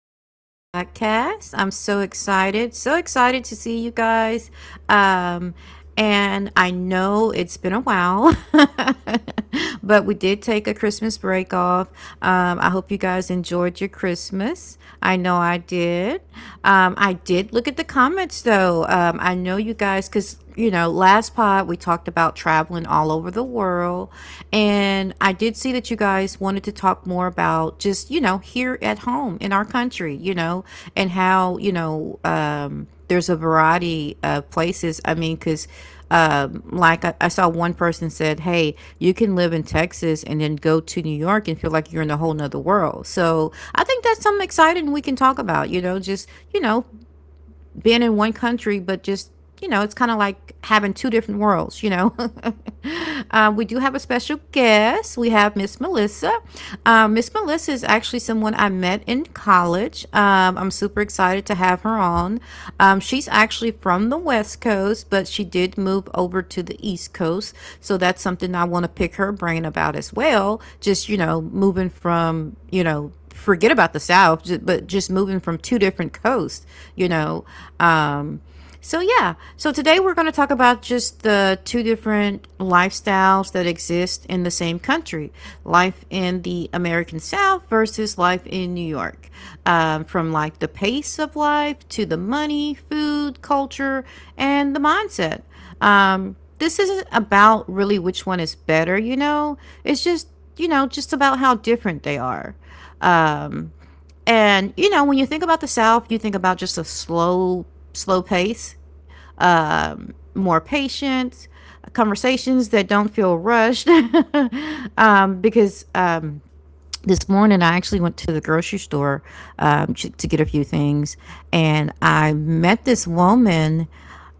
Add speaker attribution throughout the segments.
Speaker 1: the Paris podcast. I'm so excited to see you guys. Um, and I know it's been a while, but we did take a Christmas break off. I hope you guys enjoyed your Christmas. I know I did. I did look at the comments though. I know you guys, because you know, last pod we talked about traveling all over the world. And I did see that you guys wanted to talk more about just, you know, here at home in our country, you know, and how, you know, there's a variety of places. I mean, because like I saw one person said, hey, you can live in Texas and then go to New York and feel like you're in a whole nother world. So I think that's something exciting we can talk about, you know, just, you know, been in one country, but just you know, it's kind of like having two different worlds, you know. We do have a special guest. We have Miss Melissa. Miss Melissa is actually someone I met in college. I'm super excited to have her on. She's actually from the West Coast, but she did move over to the East Coast. So that's something I want to pick her brain about as well. Just, you know, moving from, you know, forget about the South, but just moving from two different coasts, you know. Um, so yeah, so today we're going to talk about just the two different lifestyles that exist in the same country: life in the American South versus life in New York. From like the pace of life to the money, food, culture, and the mindset. This isn't about really which one is better, you know. It's just you know just about how different they are. And you know, when you think about the South, you think about just a slow, slow pace, more patience, conversations that don't feel rushed, because this morning I actually went to the grocery store to get a few things, and I met this woman.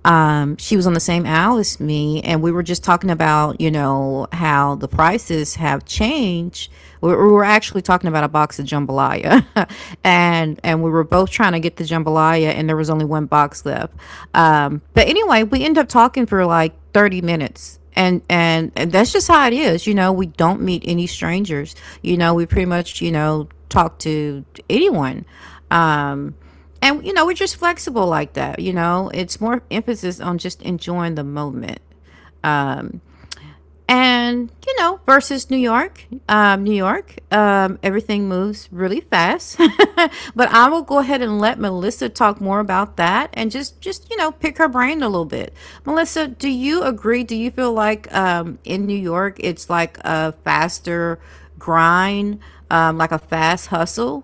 Speaker 1: She was on the same aisle as me, and we were just talking about, you know, how the prices have changed. We were actually talking about a box of jambalaya, and we were both trying to get the jambalaya, and there was only one box left. But anyway, we end up talking for like 30 minutes, and that's just how it is. You know, we don't meet any strangers. You know, we pretty much, you know, talk to anyone. And you know, we're just flexible like that. You know, it's more emphasis on just enjoying the moment. And you know, versus New York, New York, everything moves really fast. But I will go ahead and let Melissa talk more about that, and just you know pick her brain a little bit. Melissa, do you agree? Do you feel like, in New York it's like a faster grind, like a fast hustle?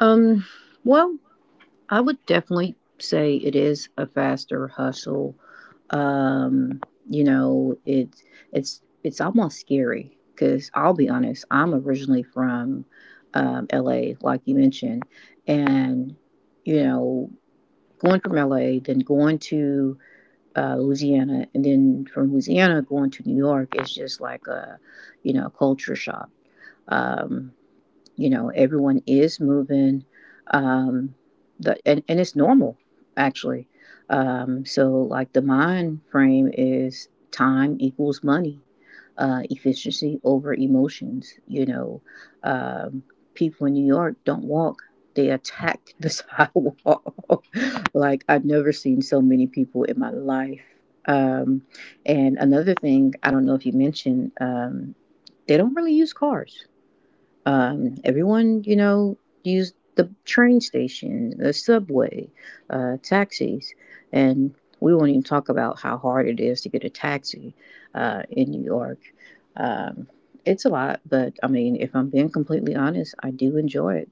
Speaker 2: Um, well, I would definitely say it is a faster hustle. Um, you know, it's almost scary because I'll be honest, I'm originally from LA, like you mentioned, and you know, going from LA, then going to Louisiana, and then from Louisiana going to New York is just like a, culture shock. Um, you know, everyone is moving um and it's normal actually. So like the mind frame is time equals money, efficiency over emotions, you know um People in New York don't walk, they attack the sidewalk. Like, I've never seen so many people in my life. um and another thing, I don't know if you mentioned, they don't really use cars. Everyone, you know, used the train station, the subway, taxis, and we won't even talk about how hard it is to get a taxi in New York. Um, it's a lot, but I mean, if I'm being completely honest, I do enjoy it.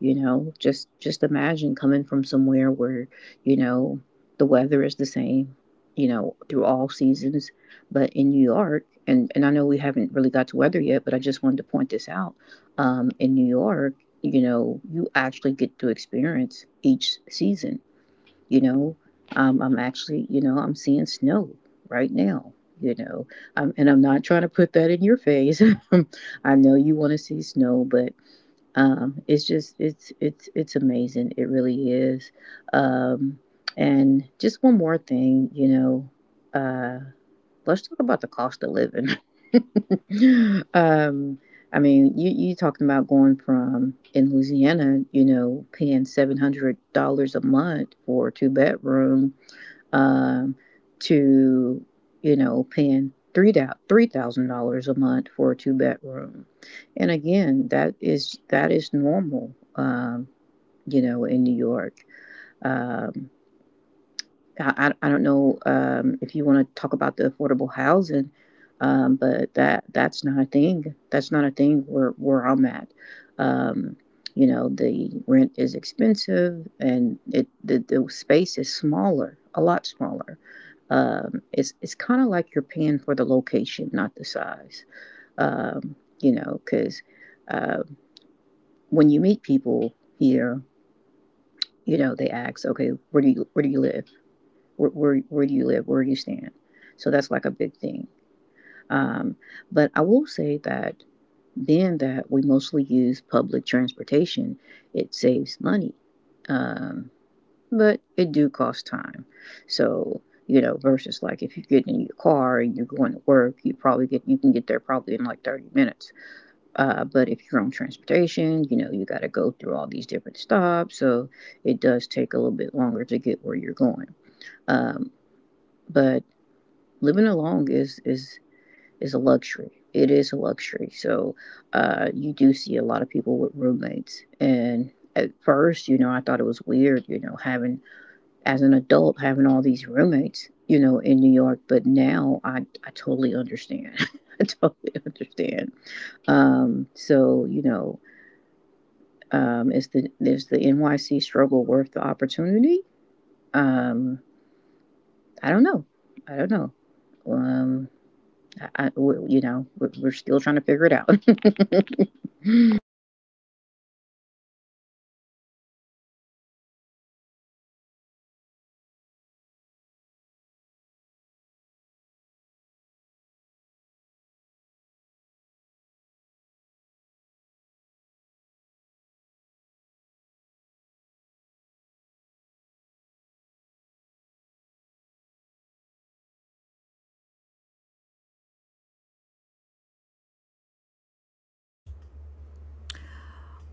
Speaker 2: You know, just imagine coming from somewhere where, you know, the weather is the same, you know, through all seasons, but in New York, and I know we haven't really got to weather yet, but I just wanted to point this out. In New York, you know, you actually get to experience each season. You know, I'm actually, you know, I'm seeing snow right now. You know, and I'm not trying to put that in your face. I know you want to see snow, but it's just it's amazing. It really is. Um, and just one more thing, you know, let's talk about the cost of living. Um, I mean, you talking about going from in Louisiana, you know, paying $700 a month for a two bedroom, um, to, you know, paying three $3,000 a month for a two bedroom, and again, that is normal, you know, in New York. um. I don't know, if you want to talk about the affordable housing, but that's not a thing. That's not a thing where I'm at. Um, you know, the rent is expensive, and the space is smaller, a lot smaller. Um, it's kind of like you're paying for the location, not the size. You know, because, uh, when you meet people here, you know, they ask, okay, where do you live? Where do you live? Where do you stand? So that's like a big thing. Um, but I will say that, being that we mostly use public transportation, it saves money. Um, but it do cost time. So, you know, versus like if you get in your car and you're going to work, you can get there probably in like 30 minutes. But if you're on transportation, you know, you got to go through all these different stops. So it does take a little bit longer to get where you're going. Um, but living alone is a luxury. It is a luxury. So, you do see a lot of people with roommates, and at first, you know, I thought it was weird, you know, having, as an adult, having all these roommates, you know, in New York. But now I totally understand. I totally understand. So you know, is the NYC struggle worth the opportunity? Um, I don't know. I don't know. Um, I, you know, we're still trying to figure it out.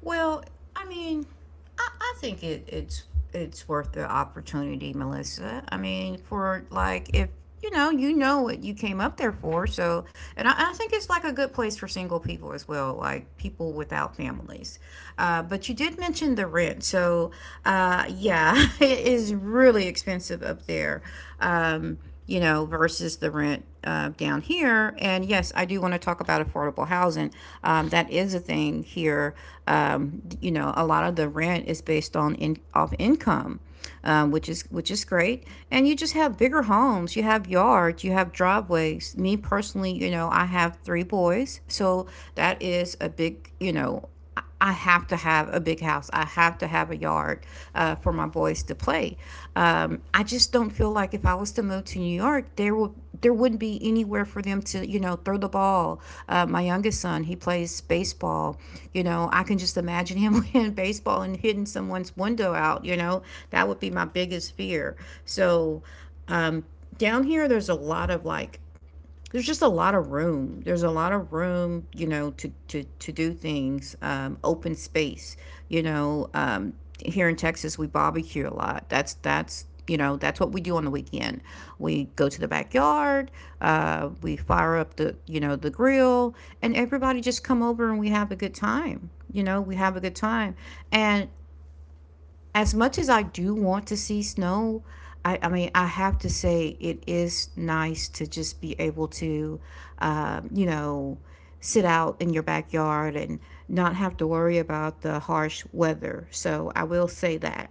Speaker 1: Well, I mean, I think it's worth the opportunity, Melissa. I mean, for like if you know, you know what you came up there for. So, and I think it's like a good place for single people as well, like people without families. But you did mention the rent, so yeah, it is really expensive up there. Um, you know, versus the rent down here. And yes, I do want to talk about affordable housing. That is a thing here. You know, a lot of the rent is based on in, off income, which is great. And you just have bigger homes. You have yards. You have driveways. Me personally, you know, I have three boys, so that is a big, you know I have to have a big house. I have to have a yard for my boys to play. I just don't feel like if I was to move to New York, there wouldn't be anywhere for them to you know throw the ball. My youngest son, he plays baseball. You know, I can just imagine him playing baseball and hitting someone's window out. You know, that would be my biggest fear. So down here there's a lot of like, there's just a lot of room, there's a lot of room, you know, to do things, open space, you know, here in Texas we barbecue a lot. That's you know that's what we do on the weekend. We go to the backyard. We fire up the, you know, the grill, and everybody just come over and we have a good time, you know, we have a good time. And as much as I do want to see snow, I mean, I have to say it is nice to just be able to, you know, sit out in your backyard and not have to worry about the harsh weather. So I will say that.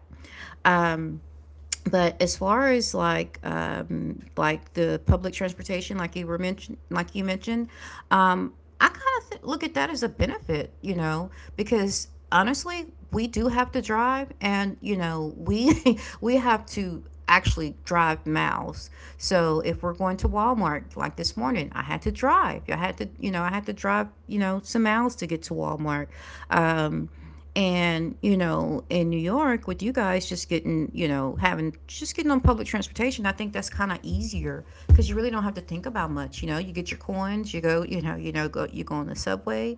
Speaker 1: But as far as like the public transportation, like you mentioned, um, I kind of look at that as a benefit, you know, because honestly, we do have to drive, and you know, we we have to actually drive miles. So if we're going to Walmart, like this morning, I had to drive. I had to, you know, I had to drive, you know, some miles to get to Walmart. Um, and, you know, in New York with you guys just getting, you know, having just getting on public transportation, I think that's kind of easier because you really don't have to think about much, you know. You get your coins, you go, you know, go you go on the subway.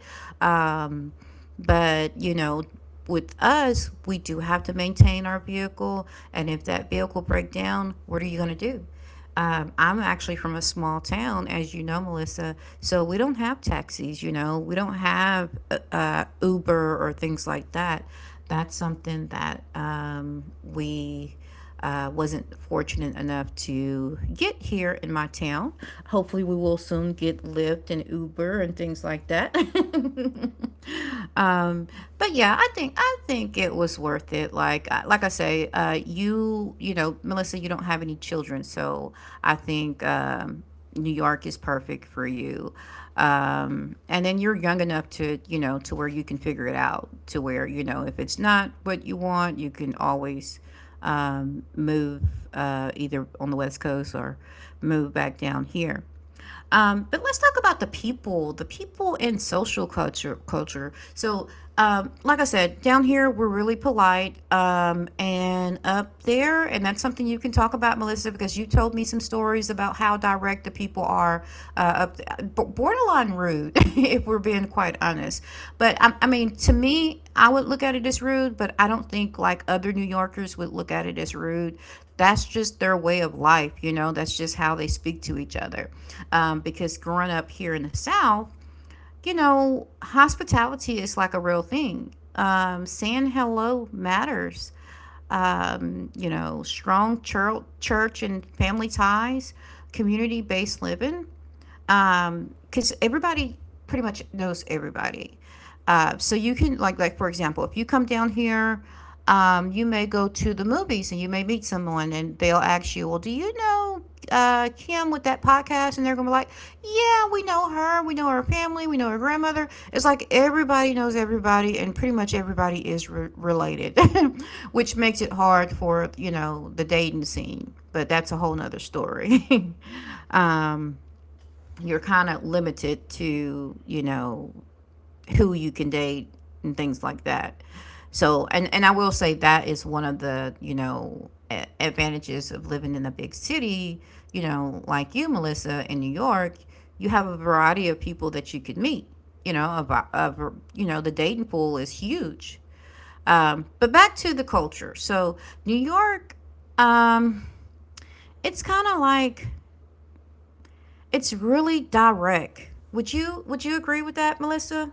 Speaker 1: But, you know, with us, we do have to maintain our vehicle. And if that vehicle break down, what are you going to do? I'm actually from a small town, as you know, Melissa. So we don't have taxis, you know, we don't have Uber or things like that. That's something that we wasn't fortunate enough to get here in my town. Hopefully, we will soon get Lyft and Uber and things like that. But yeah, I think it was worth it. Like I say, you know, Melissa, you don't have any children, so I think New York is perfect for you. And then you're young enough to you know to where you can figure it out. To where you know if it's not what you want, you can always move either on the West Coast or move back down here. But let's talk about the people in social culture. Culture. So, like I said, down here we're really polite, and up there, and that's something you can talk about, Melissa, because you told me some stories about how direct the people are, up borderline rude, if we're being quite honest. But I mean, to me, I would look at it as rude, but I don't think like other New Yorkers would look at it as rude. That's just their way of life, you know, that's just how they speak to each other. Because growing up here in the South, you know, hospitality is like a real thing. Saying hello matters. You know, strong church and family ties, community based living, because everybody pretty much knows everybody. So you can like for example, if you come down here, you may go to the movies and you may meet someone and they'll ask you, well, do you know Kim with that podcast? And they're gonna be like, yeah, we know her family, we know her grandmother. It's like everybody knows everybody, and pretty much everybody is related, which makes it hard for you know the dating scene. But that's a whole nother story. um, you're kind of limited to you know who you can date and things like that. So, and I will say that is one of the you know advantages of living in a big city. You know, like you, Melissa, in New York, you have a variety of people that you could meet. You know about of, you know, the dating pool is huge. But back to the culture. So New York, um, it's kind of like it's really direct. Would you agree with that, Melissa?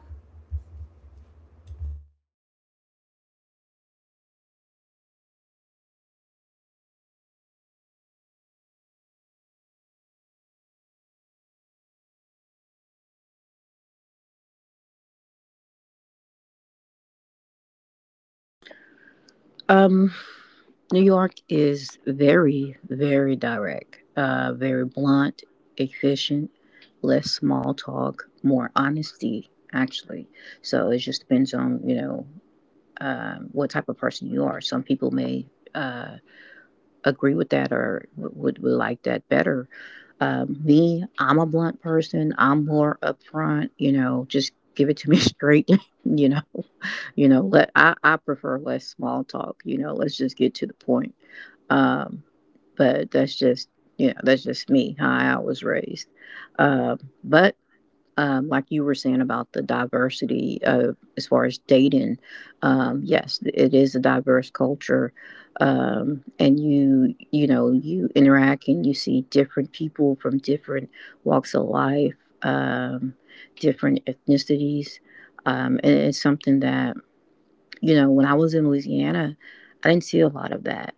Speaker 2: um, New York is very, very direct, very blunt, efficient, less small talk, more honesty, actually. So it just depends on, you know, what type of person you are. Some people may uh, agree with that, or would like that better. Me, I'm a blunt person. I'm more upfront, you know, just give it to me straight, you know. I prefer less small talk. You know, let's just get to the point. Um, but that's just, you know, that's just me, how I was raised. But Like you were saying about the diversity of as far as dating, yes, it is a diverse culture, and you know, you interact and you see different people from different walks of life, um, different ethnicities. And it's something that, you know, when I was in Louisiana, I didn't see a lot of that.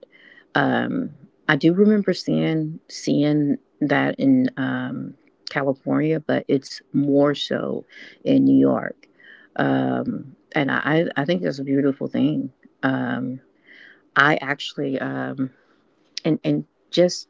Speaker 2: Um, I do remember seeing that in California, but it's more so in New York. And I think that's a beautiful thing. Um, I actually and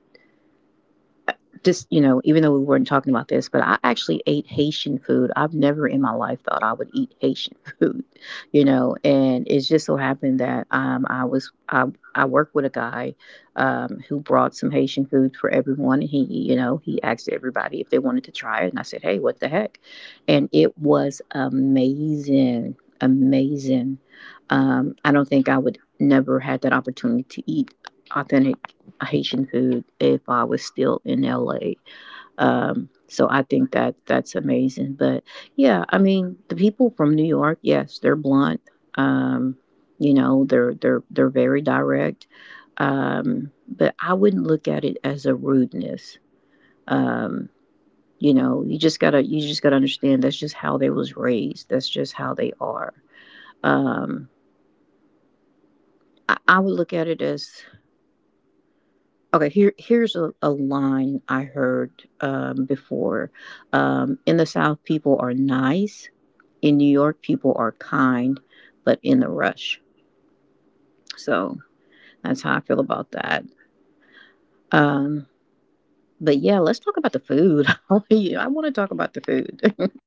Speaker 2: just You know, even though we weren't talking about this, but I actually ate Haitian food. I've never in my life thought I would eat Haitian food. You know, and it just so happened that, I worked with a guy, who brought some Haitian food for everyone, and he, you know, he asked everybody if they wanted to try it, and I said, hey, what the heck. And it was amazing. Amazing. I don't think I would never had that opportunity to eat authentic Haitian food if I was still in LA. So I think that that's amazing. But yeah, I mean, the people from New York, yes, they're blunt. Um, you know, they're very direct. But I wouldn't look at it as a rudeness. Um, you know, you just gotta understand, that's just how they was raised. That's just how they are. Um, I would look at it as, okay, here's a line I heard before. In the South, people are nice. In New York, people are kind, but in the rush. So that's how I feel about that. Um, but yeah, let's talk about the food. I want to talk about the food.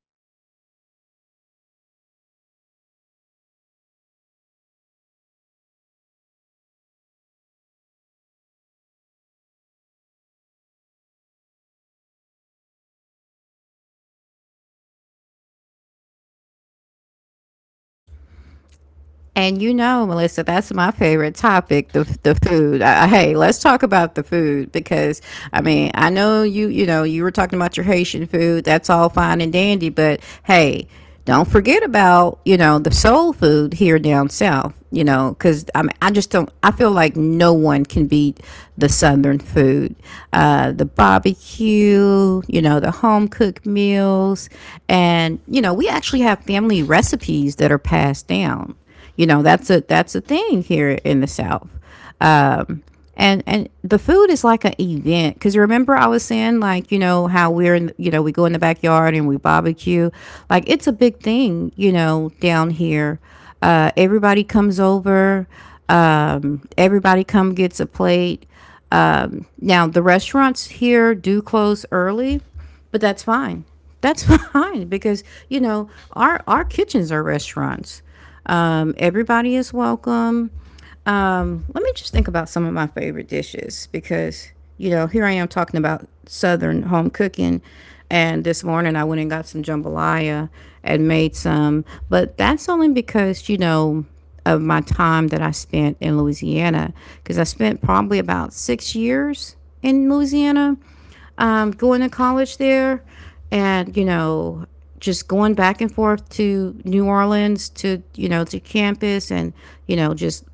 Speaker 1: And you know, Melissa, that's my favorite topic, the food. Hey, let's talk about the food because I know you were talking about your Haitian food. That's all fine and dandy, but hey, don't forget about, the soul food here down south, you know, cuz I just don't I feel like no one can beat the southern food. The barbecue, you know, the home cooked meals, and you know, we actually have family recipes that are passed down. You know, that's a thing here in the South. Um, and the food is like an event because remember I was saying like how we're in we go in the backyard and we barbecue like it's a big thing down here. Everybody comes over. Everybody come gets a plate. Um, now, the restaurants here do close early, but that's fine. That's fine because, our kitchens are restaurants. Everybody is welcome. Let me just think about some of my favorite dishes because, here I am talking about Southern home cooking. And this morning I went and got some jambalaya and made some. But that's only because, you know, of my time that I spent in Louisiana because I spent probably about 6 years in Louisiana, going to college there and, you know, just going back and forth to New Orleans to, to campus and, just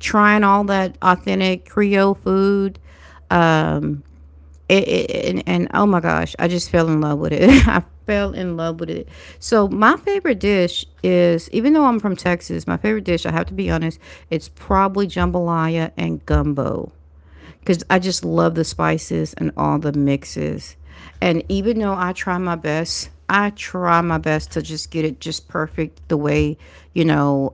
Speaker 1: trying all that authentic Creole food. And oh my gosh, I just fell in love with it. I fell in love with it. So my favorite dish is, even though I'm from Texas, my favorite dish, I have to be honest, it's probably jambalaya and gumbo because I just love the spices and all the mixes. And even though I try my best, I try my best to just get it just perfect the way, you know,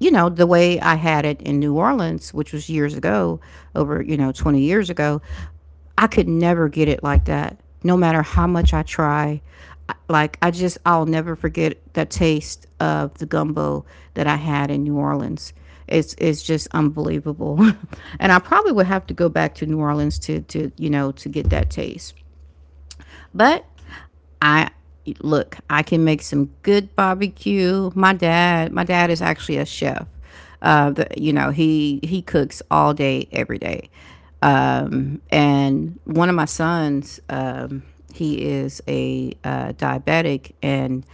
Speaker 1: the way I had it in New Orleans, which was years ago, over, 20 years ago. I could never get it like that, no matter how much I try. Like, I'll never forget the taste of the gumbo that I had in New Orleans. It's just unbelievable. And I probably would have to go back to New Orleans to, to get that taste. But I look, I can make some good barbecue. My dad is actually a chef. He cooks all day, every day. And one of my sons, he is a diabetic, and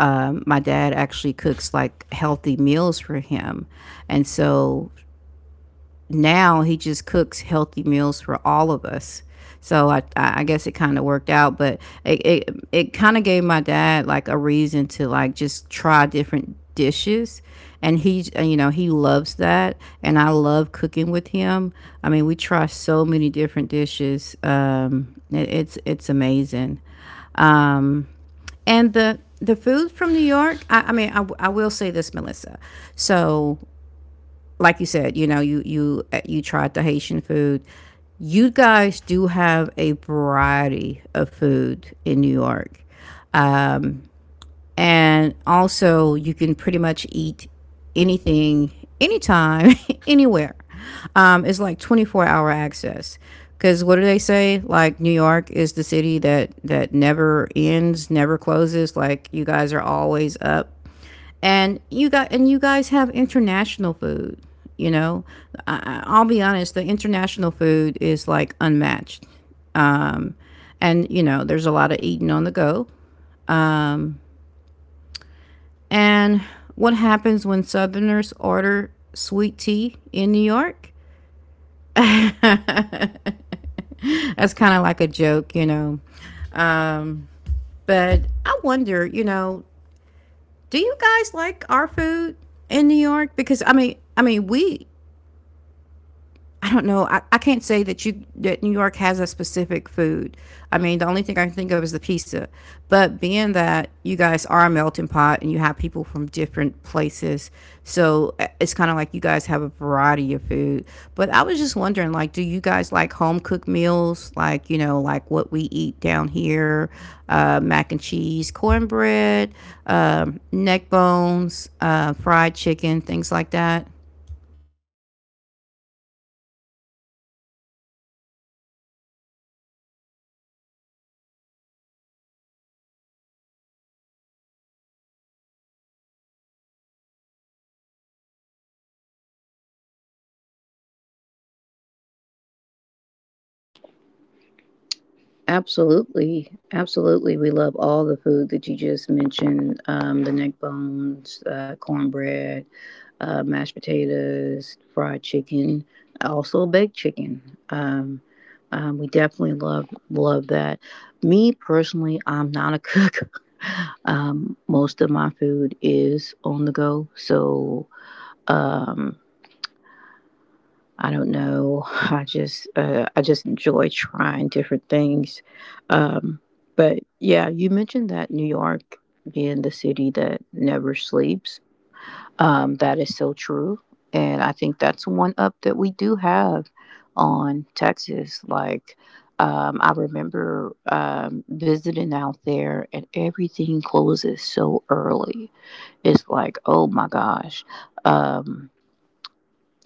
Speaker 1: my dad actually cooks like healthy meals for him. And so now he just cooks healthy meals for all of us. So I guess it kind of worked out, but it kind of gave my dad like a reason to like just try different dishes. And he, you know, he loves that. And I love cooking with him. I mean, we try so many different dishes. It's amazing. Um, and the food from New York, I will say this, Melissa. So like you said, you you tried the Haitian food. You guys do have a variety of food in New York, and also you can pretty much eat anything, anytime, anywhere. It's like 24-hour access. Because what do they say? Like New York is the city that never ends, never closes. Like you guys are always up and you guys have international food. You know, I'll be honest, the international food is like unmatched. Um, and you know, there's a lot of eating on the go. And what happens when Southerners order sweet tea in New York? That's kind of like a joke, you know. Um, but I wonder, you know, do you guys like our food in New York? Because I mean, we I don't know. I can't say that you that New York has a specific food. I mean, the only thing I can think of is the pizza. But being that you guys are a melting pot and you have people from different places, so it's kind of like you guys have a variety of food. But I was just wondering, like, do you guys like home cooked meals? Like, you know, like what we eat down here, mac and cheese, cornbread, neck bones, fried chicken, things like that.
Speaker 2: Absolutely, absolutely. We love all the food that you just mentioned, the neck bones, cornbread, mashed potatoes, fried chicken, also baked chicken. We definitely love that. Me personally, I'm not a cook. Most of my food is on the go, so, um, I don't know. I just enjoy trying different things. Um, but yeah, you mentioned that New York being the city that never sleeps. That is so true, and I think that's one up that we do have on Texas. Like, I remember visiting out there, and everything closes so early. It's like, oh my gosh. Um,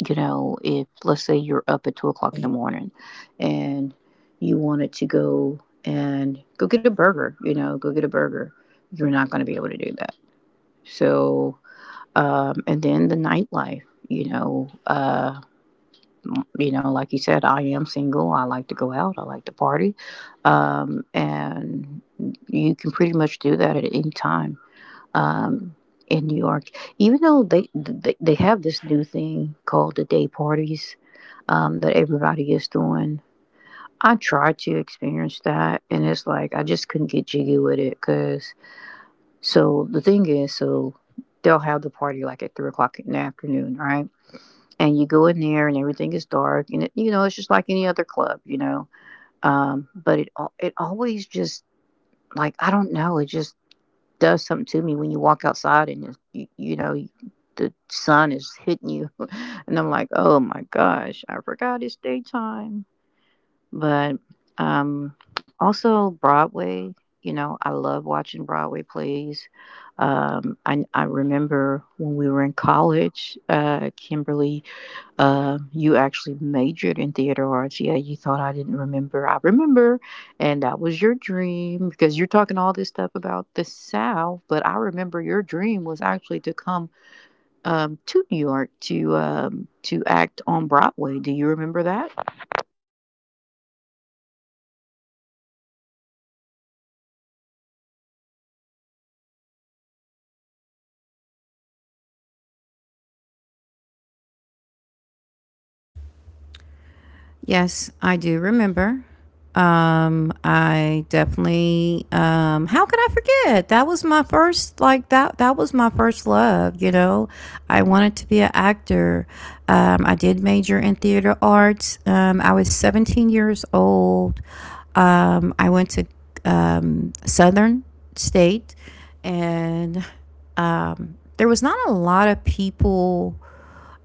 Speaker 2: you know, if let's say you're up at 2 o'clock in the morning and you wanted to go and go get a burger, you're not going to be able to do that. So, and then the nightlife, you know, uh, you know, like you said, I am single. I like to go out. I like to party, and you can pretty much do that at any time. Um, in New York, even though they have this new thing called the day parties, that everybody is doing. I tried to experience that, and it's like I just couldn't get jiggy with it. Cause, so the thing is, so they'll have the party like at 3 o'clock in the afternoon, right? And you go in there, and everything is dark, and, you know, it's just like any other club, you know. It always just, like, I don't know, it just does something to me when you walk outside and it's, you know, the sun is hitting you, and I'm like, oh my gosh, I forgot it's daytime. But um, also Broadway. You know, I love watching Broadway plays. I remember when we were in college, Kimberly, you actually majored in theater arts. Yeah, you thought I didn't remember. I remember. And that was your dream, because you're talking all this stuff about the South. But I remember your dream was actually to come, to New York, to act on Broadway. Do you remember that?
Speaker 1: Yes, I do remember. I definitely. How could I forget? That was my first. Like that. That was my first love. You know, I wanted to be an actor. I did major in theater arts. I was 17 years old. I went to Southern State, and there was not a lot of people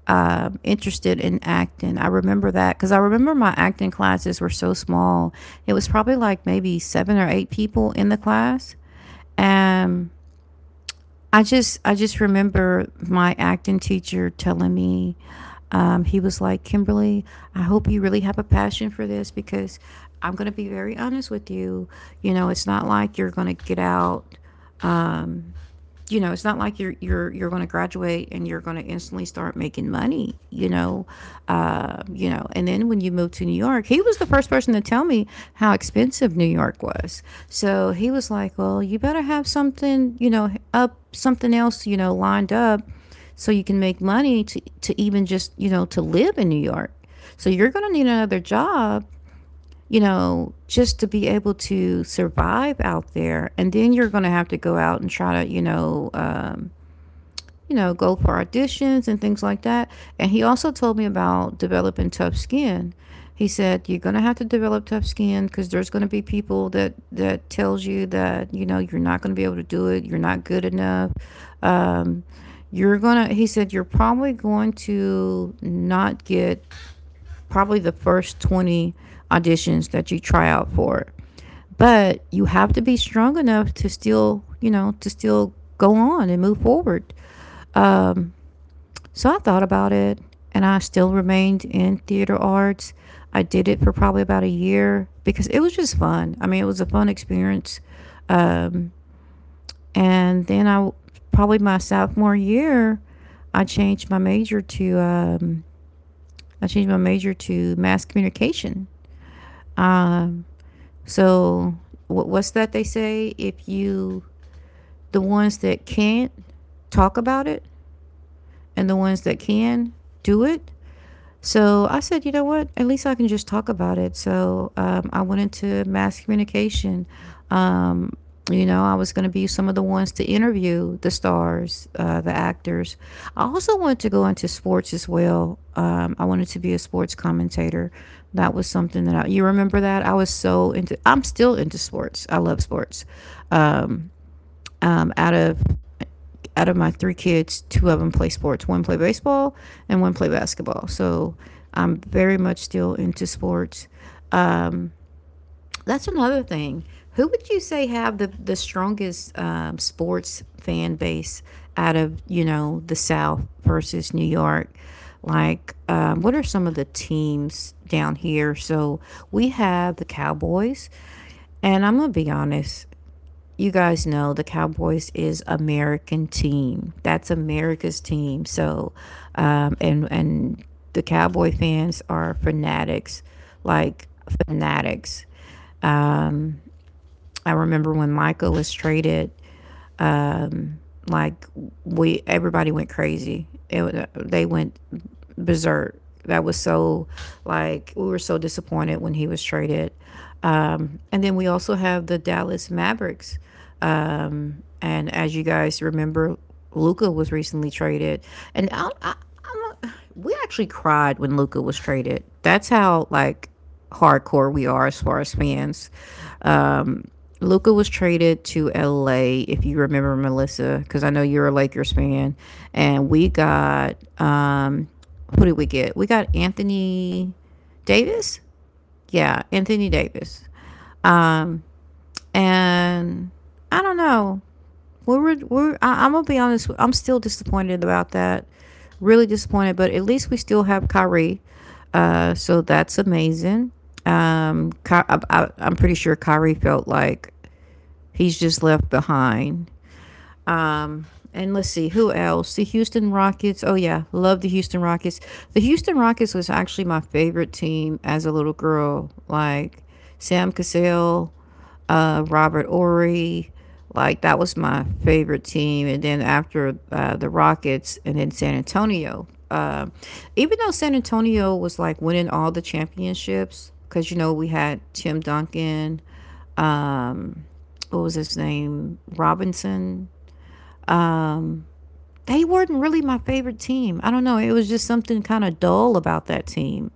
Speaker 1: interested in acting. I remember that because I remember my acting classes were so small. It was probably like maybe seven or eight people in the class, and I just remember my acting teacher telling me. He was like, Kimberly, I hope you really have a passion for this because I'm going to be very honest with you. You know, it's not like you're going to get out, um, you know, it's not like you're going to graduate and you're going to instantly start making money. You know. And then when you move to New York, he was the first person to tell me how expensive New York was. So he was like, "Well, you better have something, you know, up something else, you know, lined up, so you can make money to even just you know to live in New York." So you're going to need another job, you know, just to be able to survive out there. And then you're going to have to go out and try to, you know, go for auditions and things like that. And he also told me about developing tough skin. He said you're going to have to develop tough skin because there's going to be people that tells you that you know you're not going to be able to do it. You're not good enough. Um, you're gonna. He said you're probably going to not get probably the first 20 auditions that you try out for. But you have to be strong enough to still, to still go on and move forward. Um, so I thought about it and I still remained in theater arts. I did it for probably about a year because it was just fun. I mean, it was a fun experience. Um, and then probably my sophomore year, I changed my major to, um, I changed my major to mass communication. Um, so what's that they say? If you, The ones that can't talk about it and the ones that can do it, so I said, you know what? At least I can just talk about it. So I went into mass communication. Um, you know, I was going to be some of the ones to interview the stars, the actors. I also wanted to go into sports as well. I wanted to be a sports commentator. That was something that you remember that I was so into. I'm still into sports. I love sports. Um, Out of my three kids, two of them play sports. One play baseball and one play basketball. So I'm very much still into sports. Um, that's another thing. Who would you say have the strongest sports fan base out of you know the South versus New York? Like, what are some of the teams down here? So we have the Cowboys, and I'm gonna be honest, you guys know the Cowboys is American team. That's America's team. So, and the Cowboy fans are fanatics, like fanatics. I remember when Michael was traded, like we everybody went crazy. They went berserk. That was so like we were so disappointed when he was traded. And then we also have the Dallas Mavericks. And as you guys remember, Luca was recently traded, and I'm we actually cried when Luca was traded. That's how like hardcore we are as far as fans. Um, Luca was traded to LA, if you remember Melissa, because I know you're a Lakers fan, and we got, who did we get? We got Anthony Davis. Yeah, Anthony Davis. Um, and I don't know, I'm gonna be honest. I'm still disappointed about that. Really disappointed, but at least we still have Kyrie. So that's amazing. I'm pretty sure Kyrie felt like he's just left behind. Um, and let's see who else. The Houston Rockets. Oh yeah, love the Houston Rockets. The Houston Rockets was actually my favorite team as a little girl. Like Sam Cassell, Robert Ory. Like that was my favorite team, and then after the Rockets, and then San Antonio. Even though San Antonio was like winning all the championships, because you know we had Tim Duncan, um, what was his name, Robinson. They weren't really my favorite team. I don't know. It was just something kind of dull about that team.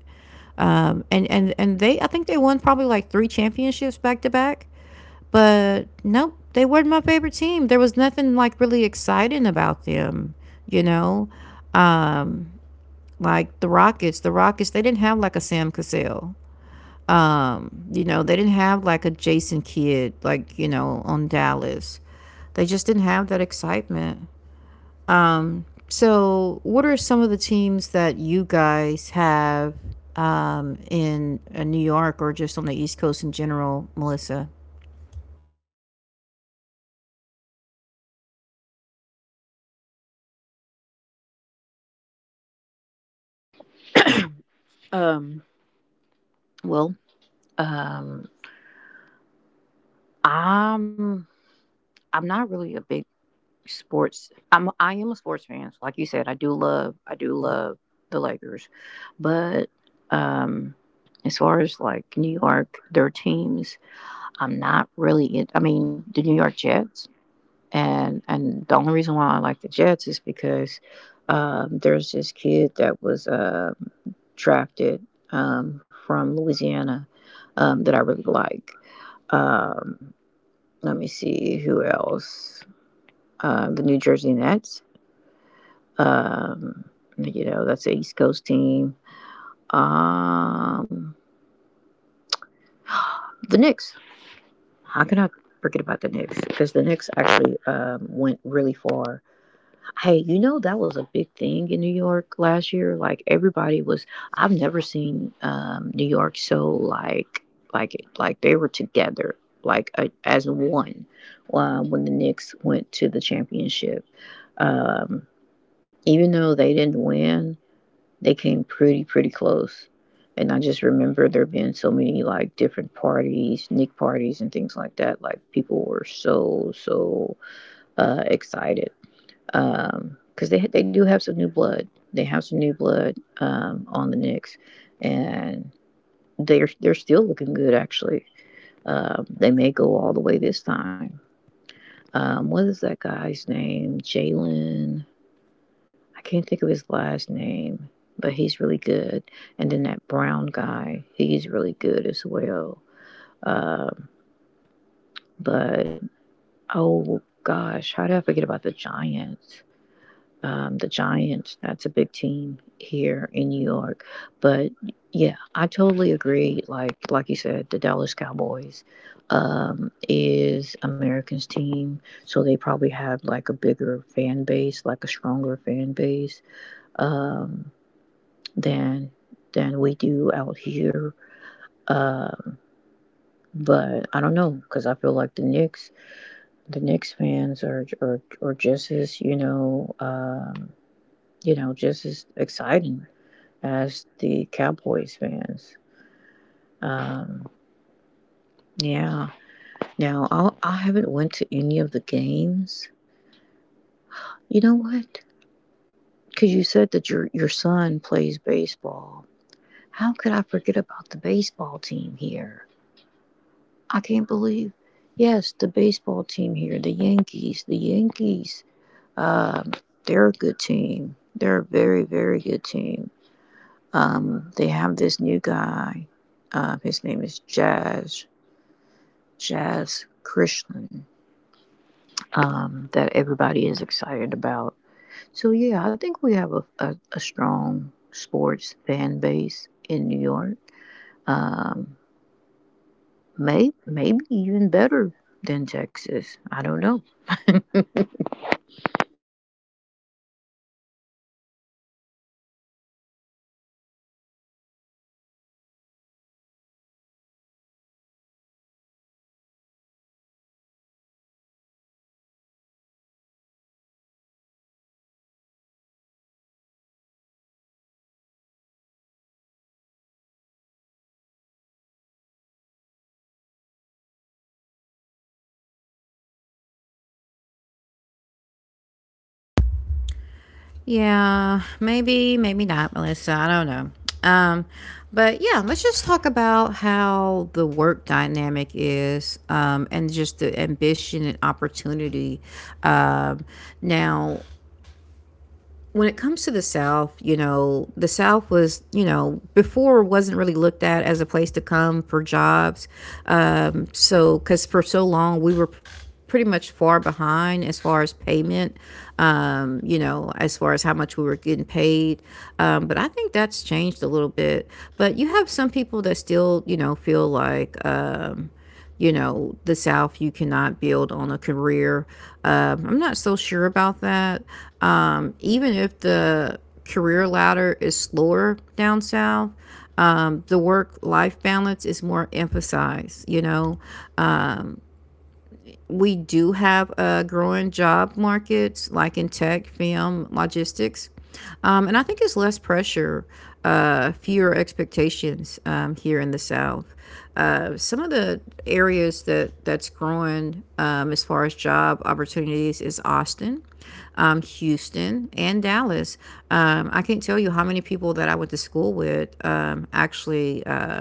Speaker 1: And they, I think they won probably like three championships back to back. But nope, they weren't my favorite team. There was nothing like really exciting about them, you know? Like the Rockets, they didn't have like a Sam Cassell. They didn't have like a Jason Kidd, on Dallas. They just didn't have that excitement. So, what are some of the teams that you guys have in New York or just on the East Coast in general, Melissa?
Speaker 2: Um, well, um, I'm I'm not really a big sports. I am a sports fan. So like you said, I do love the Lakers, but um, as far as like New York, their teams, I'm not really. I mean, the New York Jets, and the only reason why I like the Jets is because, there's this kid that was, drafted, from Louisiana, that I really like. Um, Let me see who else. The New Jersey Nets. Um, you know, that's the East Coast team. Um, the Knicks. How can I forget about the Knicks? Because the Knicks actually went really far Hey, You know that was a big thing in New York last year. Like everybody was. I've never seen New York so like they were together like as one when the Knicks went to the championship. Um, even though they didn't win, they came pretty close. And I just remember there being so many like different parties, Nick parties and things like that. Like people were so excited. Um, because they do have some new blood. They have some new blood on the Knicks, and they're still looking good. Actually, they may go all the way this time. What is that guy's name? Jalen. I can't think of his last name, but he's really good. And then that brown guy, he's really good as well. Um, but oh gosh, how did I forget about the Giants? The Giants. That's a big team here in New York. But yeah, I totally agree. Like you said, the Dallas Cowboys is America's team, so they probably have like a bigger fan base, like a stronger fan base um, than than we do out here. Um, but I don't know because I feel like the Knicks fans are just as you know, just as exciting as the Cowboys fans. Um, yeah. I haven't went to any of the games. You know what? Because you said that your son plays baseball. How could I forget about the baseball team here? I can't believe. Yes, the baseball team here, the Yankees. The Yankees. Um, they're a good team. They're a very good team. They have this new guy. His name is Jazz Christian that everybody is excited about. So yeah, I think we have a strong sports fan base in New York. Um, maybe even better than Texas. I don't know.
Speaker 1: Yeah, maybe, maybe not, Melissa. I don't know. But yeah, let's just talk about how the work dynamic is, and just the ambition and opportunity. Um, Now, when it comes to the South, you know, the South was, you know, before wasn't really looked at as a place to come for jobs. So, because for so long we were pretty much far behind as far as payment, you know, as far as how much we were getting paid. But I think that's changed a little bit. But you have some people that still, you know, feel like, you know, the South, you cannot build on a career. I'm not so sure about that. Even if the career ladder is slower down South, the work life balance is more emphasized. You know, we do have a growing job markets like in tech, film, logistics. And I think it's less pressure, fewer expectations here in the South. Some of the areas that that's growing as far as job opportunities is Austin, Houston, and Dallas. I can't tell you how many people that I went to school with actually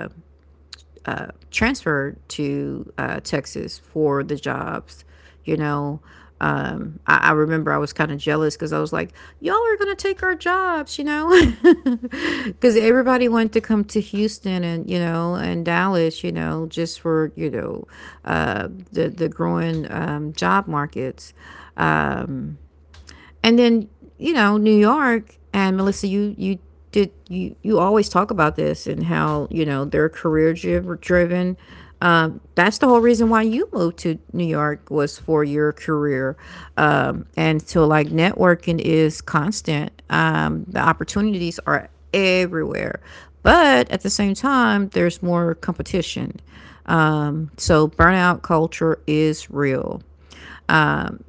Speaker 1: transferred to Texas for the jobs. You know, I remember I was kind of jealous because I was like, y'all are going to take our jobs, you know? Because everybody wanted to come to Houston and, you know, and Dallas, you know, just for, you know, the growing job markets. And then, you know, New York and Melissa, you did you always talk about this and how you know they're career driven. That's the whole reason why you moved to New York was for your career, and so like networking is constant. The opportunities are everywhere, but at the same time, there's more competition. So burnout culture is real.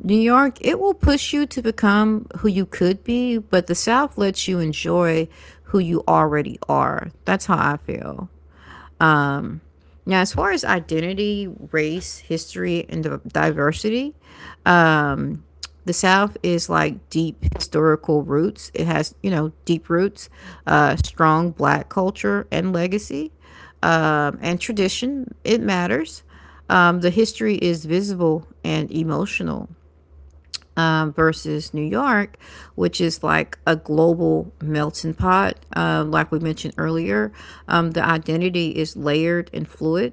Speaker 1: New York, it will push you to become who you could be, but the South lets you enjoy who you already are. That's how I feel. Now, as far as identity, race, history, and diversity, the South is like deep historical roots. It has, you know, deep roots, strong black culture and legacy, and tradition. It matters. The history is visible and emotional, versus New York, which is like a global melting pot. Like we mentioned earlier, the identity is layered and fluid.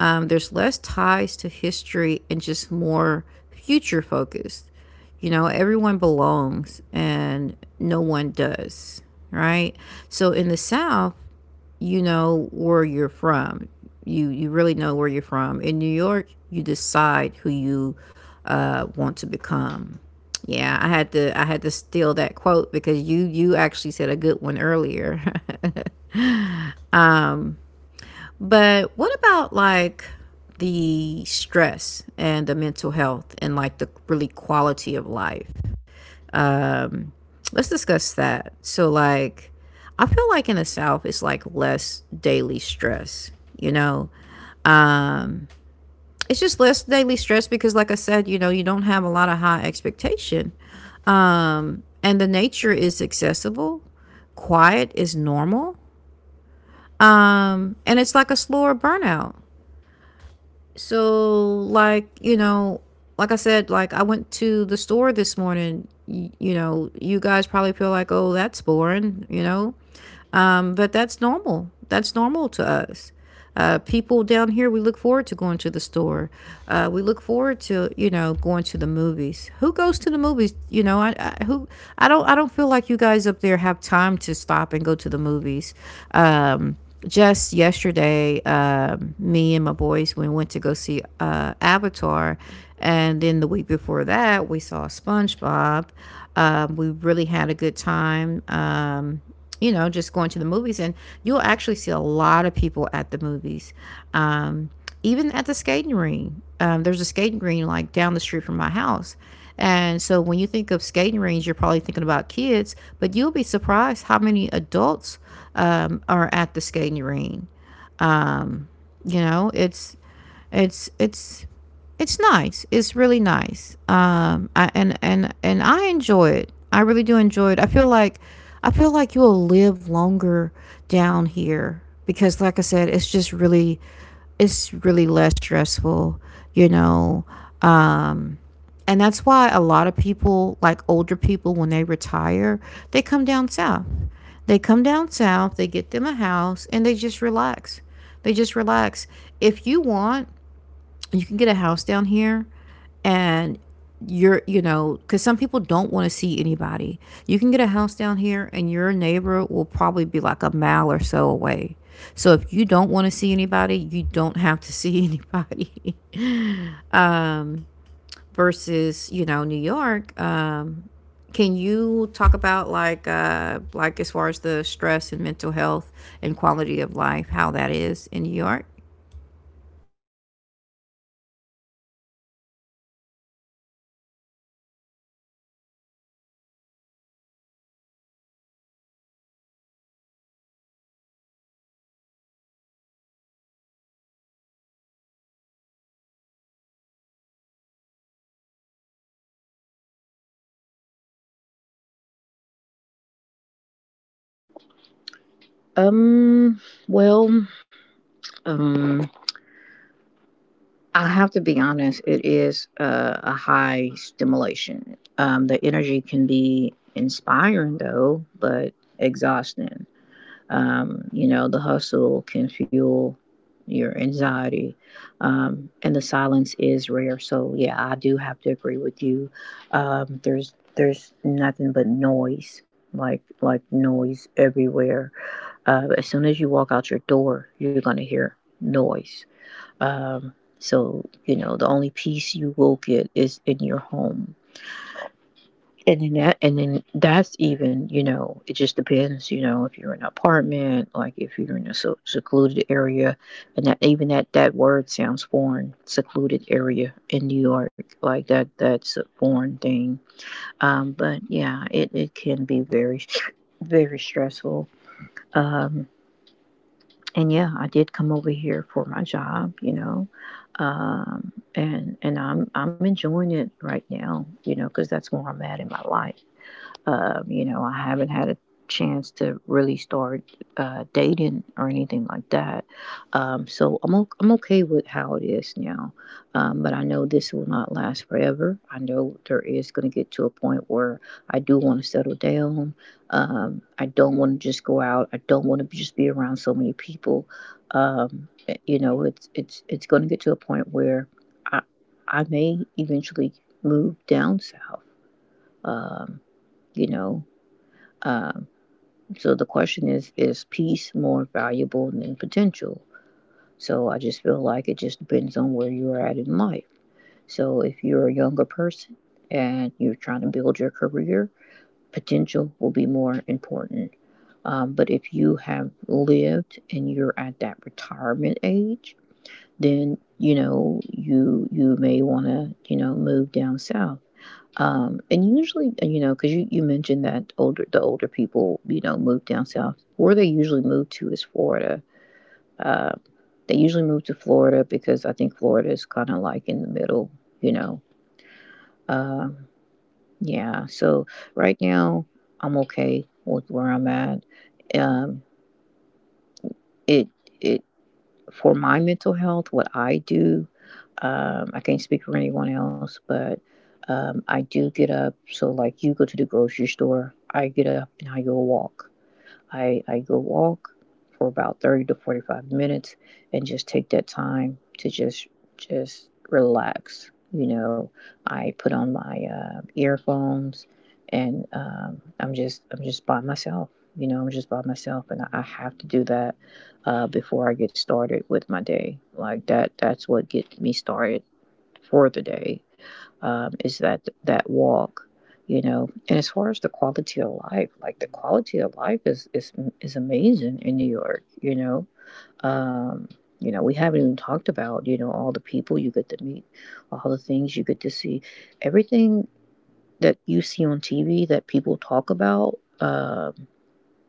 Speaker 1: There's less ties to history and just more future focused. You know, everyone belongs and no one does, right? So in the South, you know where you're from. You really know where you're from. In New York, you decide who you want to become. Yeah, I had to steal that quote because you actually said a good one earlier. But what about like the stress and the mental health and like the really quality of life? Let's discuss that. So like I feel like in the South it's like less daily stress, you know? It's just less daily stress because like I said, you know, you don't have a lot of high expectation, and the nature is accessible, quiet is normal, and it's like a slower burnout. So like, you know, like I said, like I went to the store this morning, you know, you guys probably feel like, oh that's boring, but that's normal. That's normal to us. People down here, we look forward to going to the store. We look forward to, you know, going to the movies. Who goes to the movies? You know, I don't feel like you guys up there have time to stop and go to the movies. Um, just yesterday, me and my boys we went to go see Avatar, and then the week before that we saw SpongeBob. We really had a good time. You know, just going to the movies, and you'll actually see a lot of people at the movies. Um, Even at the skating rink, there's a skating rink like down the street from my house. And so when you think of skating rinks, you're probably thinking about kids, but you'll be surprised how many adults are at the skating rink. You know, it's it's it's nice. It's really nice. I, and I enjoy it. I really do enjoy it. I feel like you'll live longer down here because, like I said, it's just really, it's really less stressful, you know. And that's why a lot of people, like older people, when they retire, they come down south. They come down south, they get them a house, and they just relax. They just relax. If you want, you can get a house down here and you're, you know, because some people don't want to see anybody, you can get a house down here and your neighbor will probably be like a mile or so away, so if you don't want to see anybody, you don't have to see anybody. Versus, you know, New York, can you talk about like as far as the stress and mental health and quality of life how that is in New York?
Speaker 2: Um, well, um, I have to be honest, it is a high stimulation. The energy can be inspiring, though, but exhausting. You know, the hustle can fuel your anxiety, and the silence is rare. So, yeah, I do have to agree with you. There's nothing but noise, like noise everywhere. As soon as you walk out your door, you're gonna hear noise so you know the only peace you will get is in your home, and then that's even you know it just depends. You know if you're in an apartment, like if you're in a secluded area, and that even that that word sounds foreign. Secluded area in New York, like that's a foreign thing. But yeah, it can be very stressful. Um, and yeah, I did come over here for my job, you know, and I'm enjoying it right now, you know, because that's where I'm at in my life. You know, I haven't had a chance to really start dating or anything like that. So I'm okay with how it is now. But I know this will not last forever. I know there is going to get to a point where I do want to settle down. I don't want to just go out. I don't want to just be around so many people. You know, it's going to get to a point where I I may eventually move down south. Um, you know, um, so the question is peace more valuable than potential? So I just feel like it just depends on where you are at in life. So if you're a younger person and you're trying to build your career, potential will be more important. But if you have lived and you're at that retirement age, then you know you you may want to you know move down south and usually, you know, because you mentioned that older the older people, you know, move down south. Where they usually move to is Florida. Uh, they usually move to Florida because I think Florida is kind of like in the middle, you know. Um, yeah. So right now, I'm okay with where I'm at. Um, it it for my mental health, what I do. I can't speak for anyone else, but I do get up. So, like, you go to the grocery store, I get up and I go walk. I go walk for about 30 to 45 minutes and just take that time to just relax. You know, I put on my earphones and um, I'm just by myself. You know, I'm just by myself, and I have to do that before I get started with my day. That's what gets me started for the day is that that walk. You know, and as far as the quality of life, like the quality of life is amazing in New York, you know. Um, you know, we haven't even talked about you know all the people you get to meet, all the things you get to see, everything that you see on TV that people talk about um,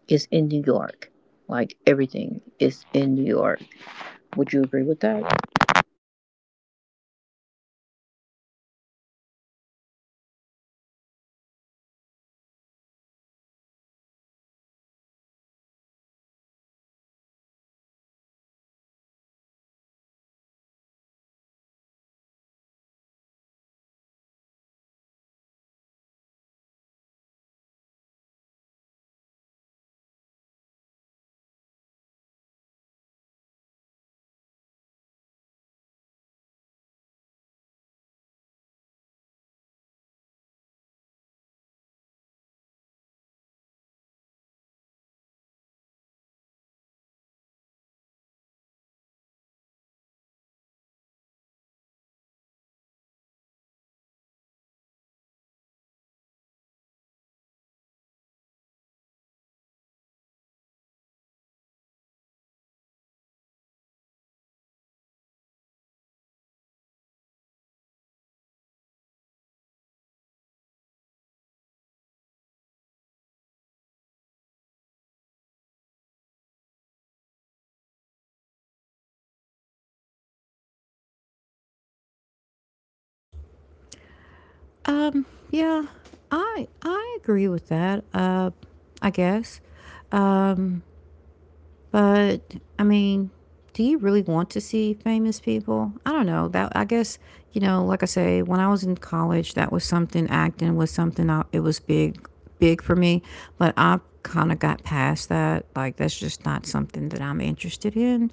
Speaker 2: is in New York, like everything is in New York. Would you agree with that?
Speaker 1: Yeah, I agree with that. I guess. But I mean, do you really want to see famous people? I don't know. That I guess, you know, like I say, when I was in college, that was something. Acting was something. I, it was big, big for me. But I kind of got past that. Like that's just not something that I'm interested in,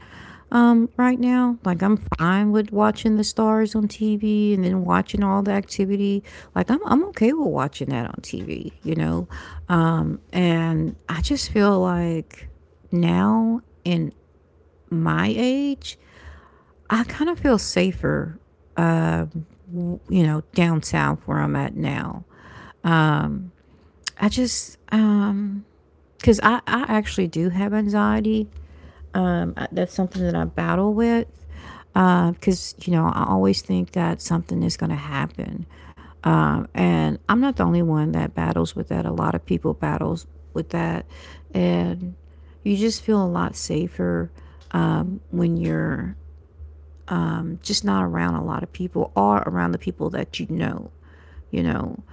Speaker 1: right now. Like I'm fine with watching the stars on TV and then watching all the activity. Like I'm okay with watching that on TV. You know, and I just feel like now in my age, I kind of feel safer, you know, down south where I'm at now. I just, because I actually do have anxiety. That's something that I battle with. Because, you know, I always think that something is going to happen. And I'm not the only one that battles with that. A lot of people battles with that. And you just feel a lot safer when you're just not around a lot of people or around the people that you know,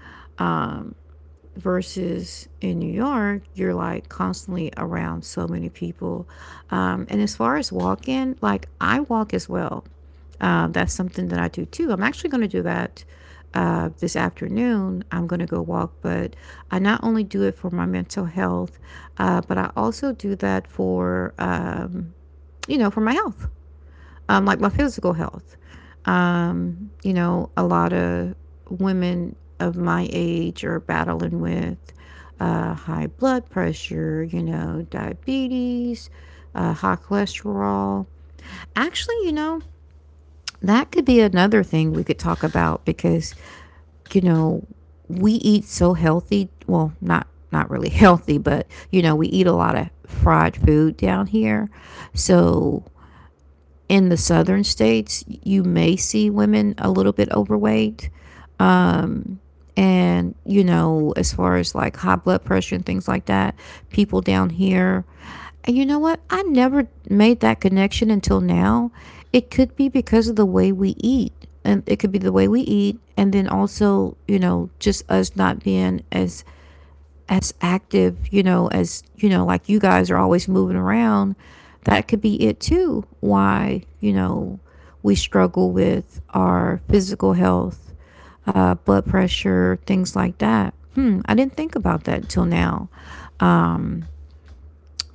Speaker 1: versus in New York, you're like constantly around so many people. And as far as walking, like I walk as well. That's something that I do too. I'm actually going to do that this afternoon. I'm going to go walk, but I not only do it for my mental health, but I also do that for, you know, for my health, like my physical health. You know, a lot of women of my age are battling with high blood pressure, you know, diabetes, high cholesterol. Actually, you know, that could be another thing we could talk about because, you know, we eat so healthy. Well, not really healthy, but you know, we eat a lot of fried food down here. So in the southern states, you may see women a little bit overweight. And, you know, as far as like high blood pressure and things like that, people down here. And you know what? I never made that connection until now. It could be because of the way we eat. And it could be the way we eat and then also, you know, just us not being as active, you know, as you know, like you guys are always moving around. That could be it too. Why, you know, we struggle with our physical health, blood pressure, things like that. Hmm, I didn't think about that till now,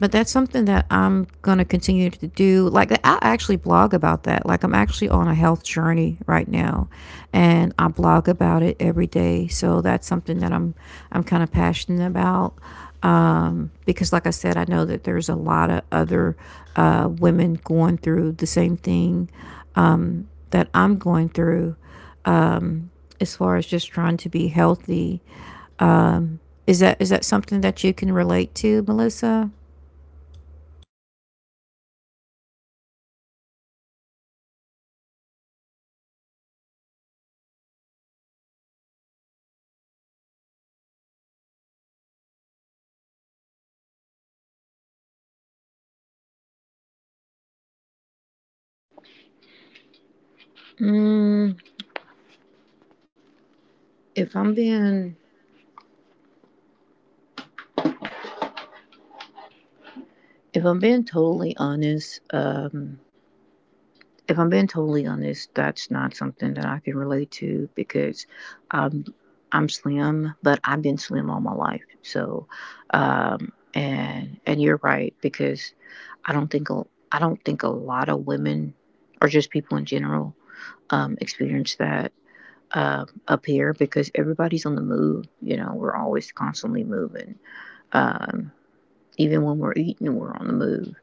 Speaker 1: but that's something that I'm gonna continue to do. Like, I actually blog about that. Like, I'm actually on a health journey right now, and I blog about it every day. So that's something that I'm kind of passionate about because, like I said, I know that there's a lot of other women going through the same thing that I'm going through, um, as far as just trying to be healthy. Is that something that you can relate to, Melissa?
Speaker 2: mm, if i'm being if I'm being totally honest, if I'm being totally honest, that's not something that I can relate to because um, I'm slim, but I've been slim all my life. So, and you're right because I don't think a, I don't think a lot of women or just people in general experience that up here because everybody's on the move. You know, we're always constantly moving. Um, even when we're eating, we're on the move.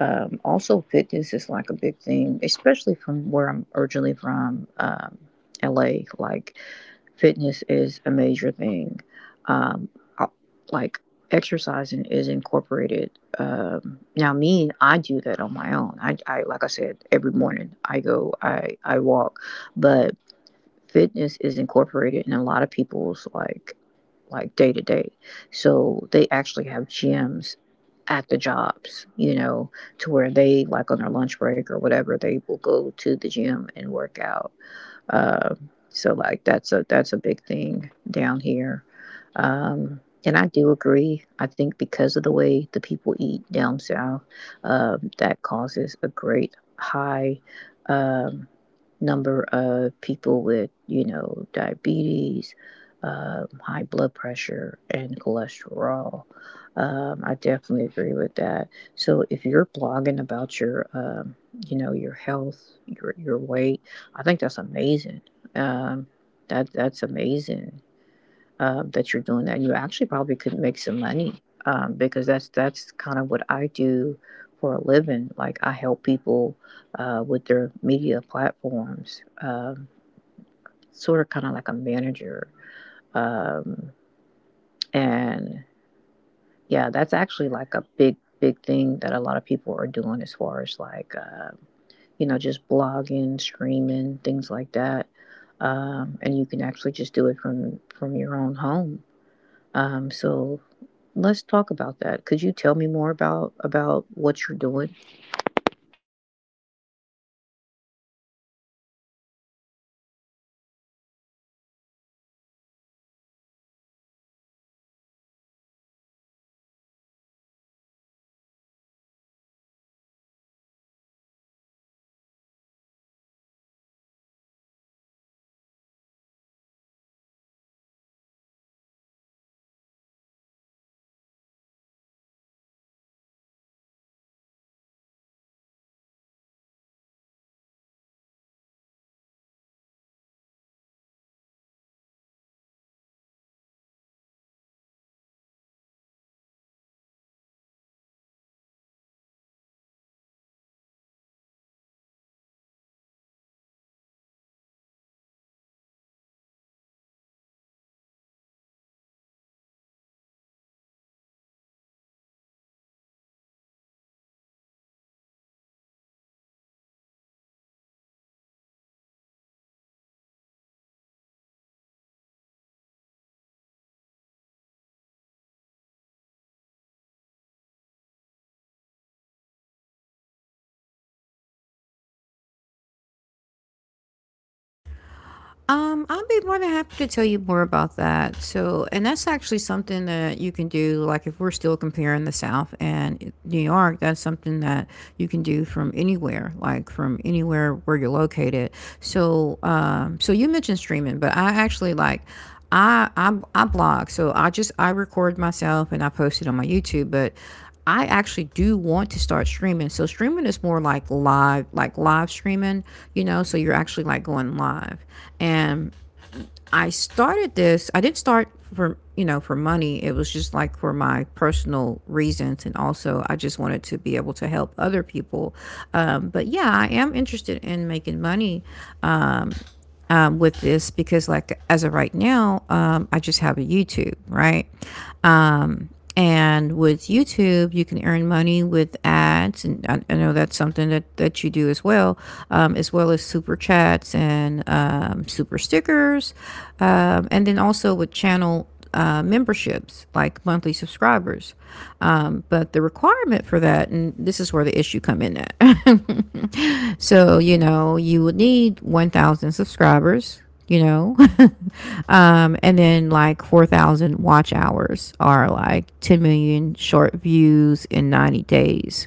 Speaker 2: Also, fitness is like a big thing, especially from where I'm originally from, LA. Like, fitness is a major thing. Um, I- like, exercising is incorporated. Now, me, I do that on my own. Like I said, every morning I walk, but fitness is incorporated in a lot of people's day to day. So they actually have gyms at the jobs, you know, to where they like on their lunch break or whatever, they will go to the gym and work out, so like that's a big thing down here. And I do agree. I think because of the way the people eat down south, that causes a great high um, number of people with you know diabetes, high blood pressure, and cholesterol. I definitely agree with that. So if you're blogging about your you know your health, your weight, I think that's amazing. Um, that that's amazing that you're doing that. And you actually probably could make some money because that's kind of what I do for a living. Like I help people with their media platforms, sort of kind of like a manager. Um, and yeah, that's actually like a big thing that a lot of people are doing as far as you know, just blogging, streaming, things like that. And you can actually just do it from your own home. So let's talk about that. Could you tell me more about what you're doing?
Speaker 1: I'll be more than happy to tell you more about that. So, and that's actually something that you can do. Like, if we're still comparing the South and New York, that's something that you can do from anywhere, like from anywhere where you're located. So, so you mentioned streaming, but I actually like. I blog, so I just I record myself and I post it on my YouTube. But I actually do want to start streaming. So streaming is more like live streaming, you know, so you're actually like going live. And I started this, I didn't start for, you know, for money. It was just like for my personal reasons, and also I just wanted to be able to help other people. But yeah, I am interested in making money with this because, like as of right now, I just have a YouTube, right? And with YouTube, you can earn money with ads, and I know that's something that, that you do as well, as well as super chats and super stickers, and then also with channel memberships, like monthly subscribers. But the requirement for that, and this is where the issue come in at. So, you know, you would need 1,000 subscribers, you know, and then like 4,000 watch hours are like 10 million short views in 90 days.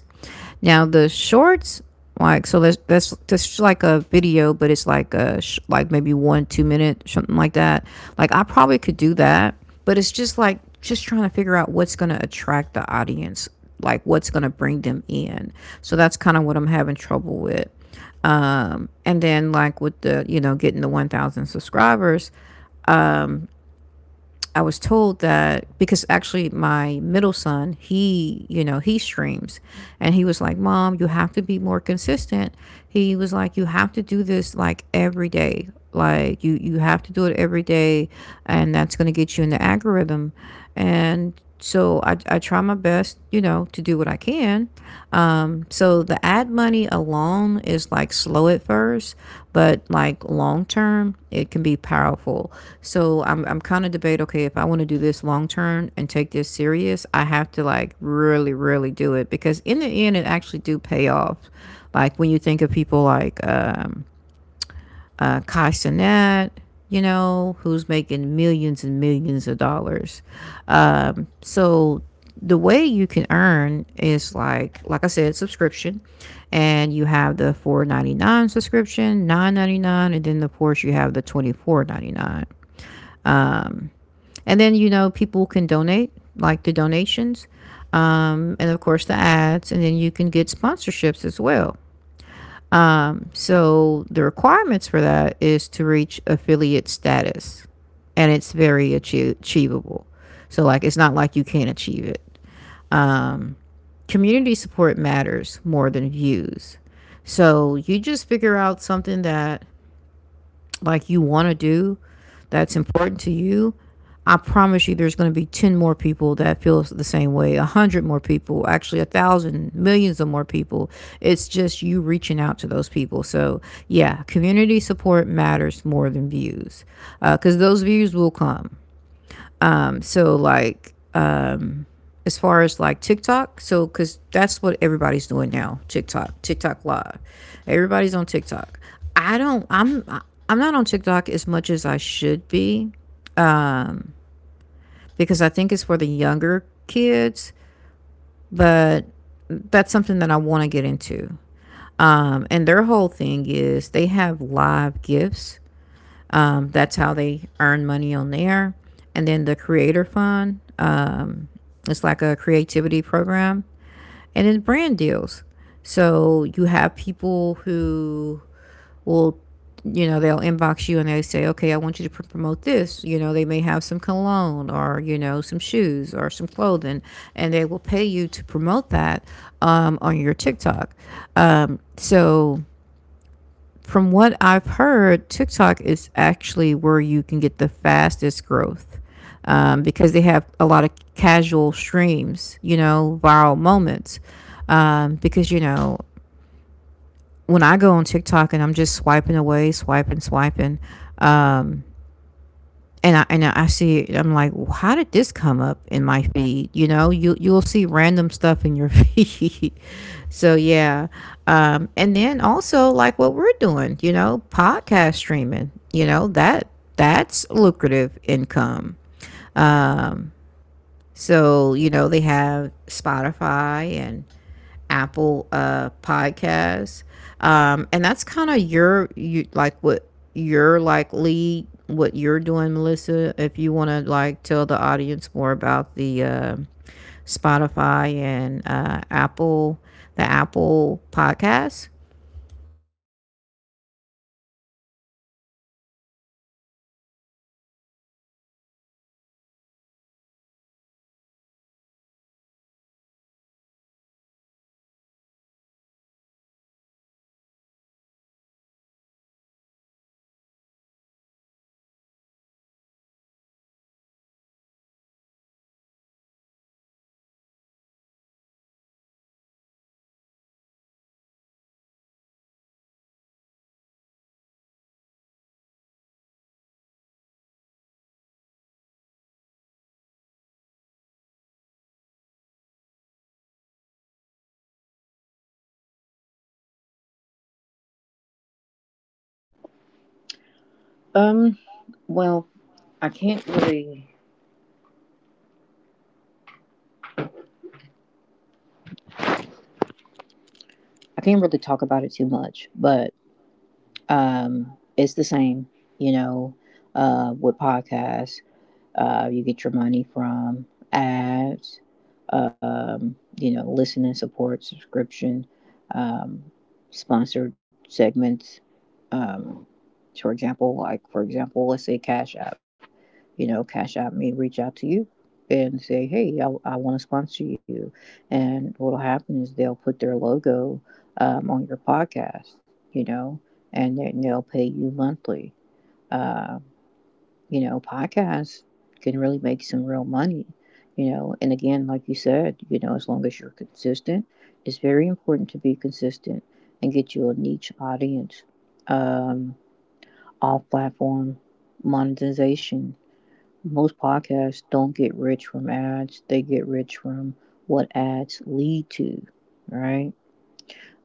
Speaker 1: Now, the shorts, like, so that's just like a video, but it's like a, like maybe one, 2 minute, something like that. Like, I probably could do that, but it's just like, just trying to figure out what's going to attract the audience, like what's going to bring them in. So that's kind of what I'm having trouble with. And then like with the, you know, getting the 1,000 subscribers, I was told that because actually my middle son, he, you know, he streams, and he was like, mom, you have to be more consistent. He was like, you have to do this like every day, like you have to do it every day, and that's going to get you in the algorithm. And so I try my best, you know, to do what I can. So the ad money alone is like slow at first, but like long term it can be powerful. So I'm kind of debate, okay, if I want to do this long term and take this serious, I have to like really really do it, because in the end it actually do pay off. Like when you think of people like Kai, you know, who's making millions and millions of dollars. So the way you can earn is like I said, subscription, and you have the 4.99 subscription, 9.99, and then of course you have the 24.99, and then you know people can donate, like the donations, and of course the ads, and then you can get sponsorships as well. So the requirements for that is to reach affiliate status, and it's very achievable. So, like, it's not like you can't achieve it. Um, Community support matters more than views. So you just figure out something that, like, you want to do, that's important to you. I promise you there's going to be 10 more people that feels the same way, 100 more people, actually a thousand, millions of more people. It's just you reaching out to those people. So yeah, community support matters more than views, because those views will come. So like, as far as like TikTok. So, because that's what everybody's doing now, TikTok, TikTok Live. Everybody's on TikTok. I don't, I'm, I'm not on TikTok as much as I should be, because I think it's for the younger kids, but that's something that I want to get into. And their whole thing is they have live gifts. That's how they earn money on there. And then the creator fund, it's like a creativity program. And then brand deals. So you have people who will, you know, they'll inbox you and they say, okay, I want you to promote this. You know, they may have some cologne, or, you know, some shoes or some clothing, and they will pay you to promote that, on your TikTok. So from what I've heard, TikTok is actually where you can get the fastest growth, because they have a lot of casual streams, you know, viral moments. Because, you know, when I go on TikTok and I'm just swiping away, swiping, swiping, um, and I see it, I'm like, well, how did this come up in my feed? You know, you you'll see random stuff in your feed. So yeah, and then also like what we're doing, you know, podcast streaming. You know that that's lucrative income. So you know they have Spotify and Apple Podcasts, and that's kind of your, you like what you're like lead what you're doing, Melissa. If you want to like tell the audience more about the Spotify and Apple, the Apple Podcasts.
Speaker 2: Um, well, I can't really talk about it too much, but it's the same, you know, with podcasts. You get your money from ads, you know, listening support, subscription, um, sponsored segments. Um, for example, let's say Cash App. You know, Cash App may reach out to you and say, "Hey, I want to sponsor you," and what'll happen is they'll put their logo on your podcast. You know, and then they'll pay you monthly. Uh, you know, podcasts can really make some real money, you know. And again, like you said, you know, as long as you're consistent, it's very important to be consistent and get you a niche audience. Um, off platform monetization. Most podcasts don't get rich from ads, they get rich from what ads lead to, right?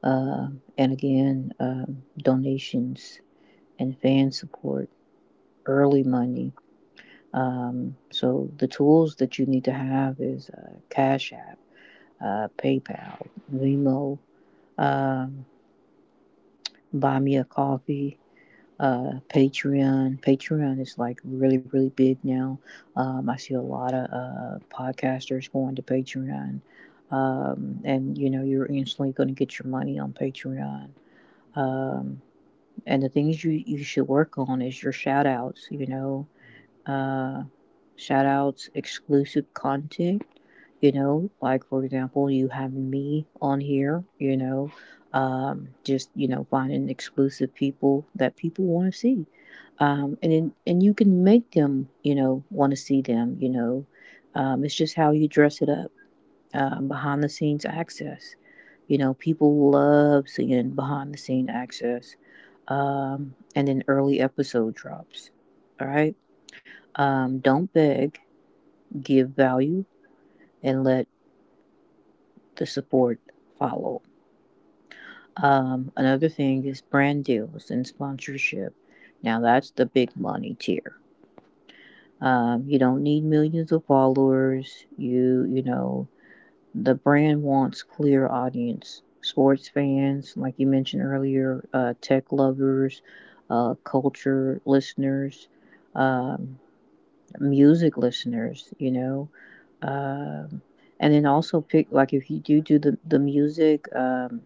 Speaker 2: Uh, and again, donations and fan support, early money. So the tools that you need to have is Cash App, PayPal, Venmo, um, Buy Me a Coffee, Patreon. Patreon is like really big now. I see a lot of podcasters going to Patreon, and you know you're instantly going to get your money on Patreon. Um, and the things you should work on is your shout outs, you know, uh, exclusive content. You know, like for example, you having me on here, you know, just, you know, finding exclusive people that people want to see. And then, and you can make them, you know, want to see them, you know. It's just how you dress it up. Behind the scenes access. You know, people love seeing behind the scene access. And then early episode drops. All right. Don't beg, give value, and let the support follow. Another thing is brand deals and sponsorship. Now, that's the big money tier. You don't need millions of followers. You know, the brand wants clear audience. Sports fans, like you mentioned earlier, tech lovers, culture listeners, um, music listeners, you know. Um, and then also pick like if you do the music.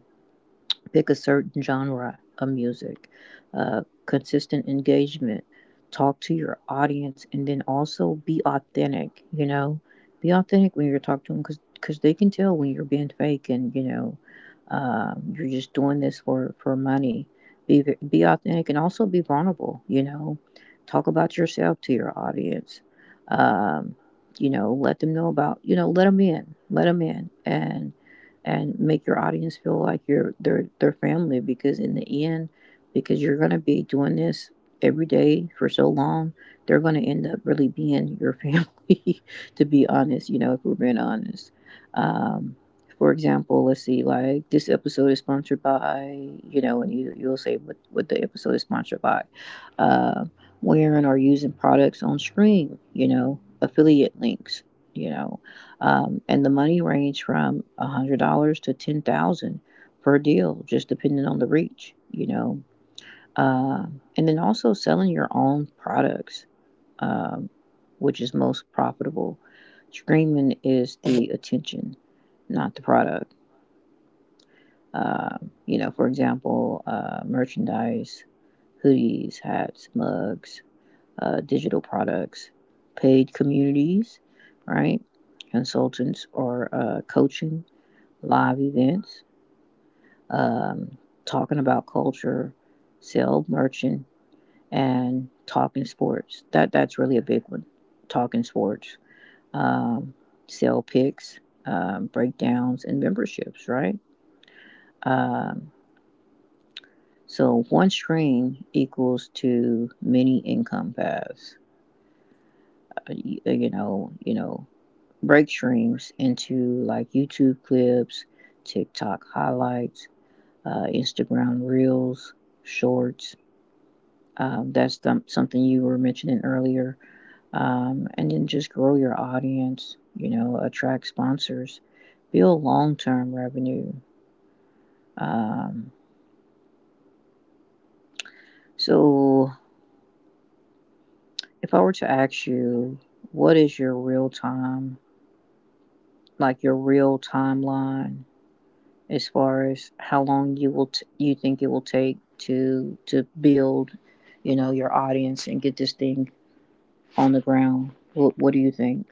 Speaker 2: Pick a certain genre of music, consistent engagement, talk to your audience, and then also be authentic. You know, be authentic when you're talking to them because they can tell when you're being fake and you know you're just doing this for money. Be authentic and also be vulnerable. You know, talk about yourself to your audience. Um, you know, let them know about you know let them in, and make your audience feel like you're their family because in the end because you're going to be doing this every day for so long they're going to end up really being your family to be honest, you know, if we're being honest. Um, for example, let's see like this episode is sponsored by you know and you'll say what the episode is sponsored by, uh, wearing or using products on stream, you know, affiliate links, you know. Um, and the money range from $100 to 10,000 per deal, just depending on the reach, you know. And then also selling your own products, um, which is most profitable. Streaming is the attention, not the product. You know, for example, merchandise, hoodies, hats, mugs, digital products, paid communities, right? Consultants or coaching, live events, um, talking about culture, sell merchant, and talking sports. That that's really a big one. Talking sports, um, sale picks, breakdowns, and memberships. Right. Um, so one stream equals to many income paths. You know, break streams into like YouTube clips, TikTok highlights, Instagram reels, shorts. Something you were mentioning earlier. And then just grow your audience, you know, attract sponsors, build long term revenue. Um, so, if I were to ask you, what is your real time, like your real timeline, as far as how long you will you think it will take to build, you know, your audience and get this thing on the ground? What do you think?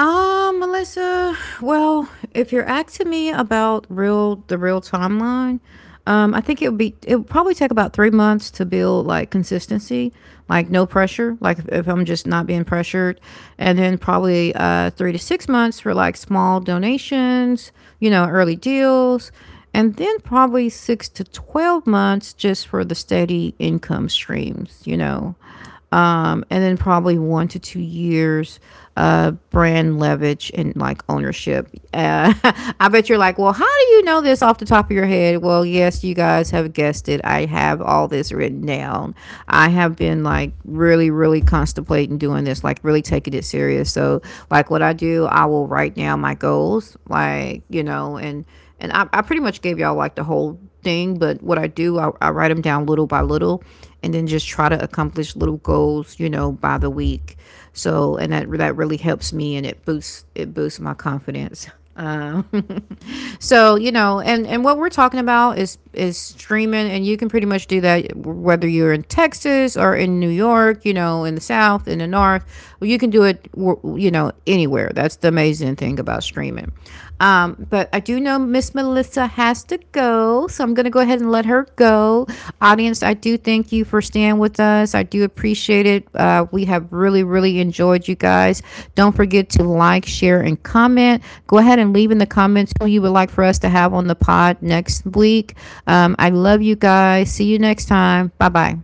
Speaker 1: Melissa, well, if you're asking me about real the real timeline, I think it would be, it would probably take about 3 months to build like consistency, like no pressure, like, if i'm just not being pressured, and then probably 3 to 6 months for like small donations, you know, early deals, and then probably six to 12 months just for the steady income streams, you know. And then probably 1 to 2 years, brand leverage and like ownership. I bet you're like, well, how do you know this off the top of your head? Well, yes, you guys have guessed it. I have all this written down. I have been like really, really contemplating doing this, like really taking it serious. So, like, what I do, I will write down my goals, like, you know, and I pretty much gave y'all like the whole thing, but what I do, I write them down little by little, and then just try to accomplish little goals, you know, by the week. So, and that that really helps me, and it boosts my confidence. So you know, and what we're talking about is streaming, and you can pretty much do that whether you're in Texas or in New York, you know, in the South, in the North, you can do it, you know, anywhere. That's the amazing thing about streaming. But I do know Miss Melissa has to go, so I'm gonna go ahead and let her go. Audience, I do thank you for staying with us. I do appreciate it. We have really, really enjoyed you guys. Don't forget to like, share, and comment. Go ahead and leave in the comments who you would like for us to have on the pod next week. I love you guys. See you next time. Bye bye.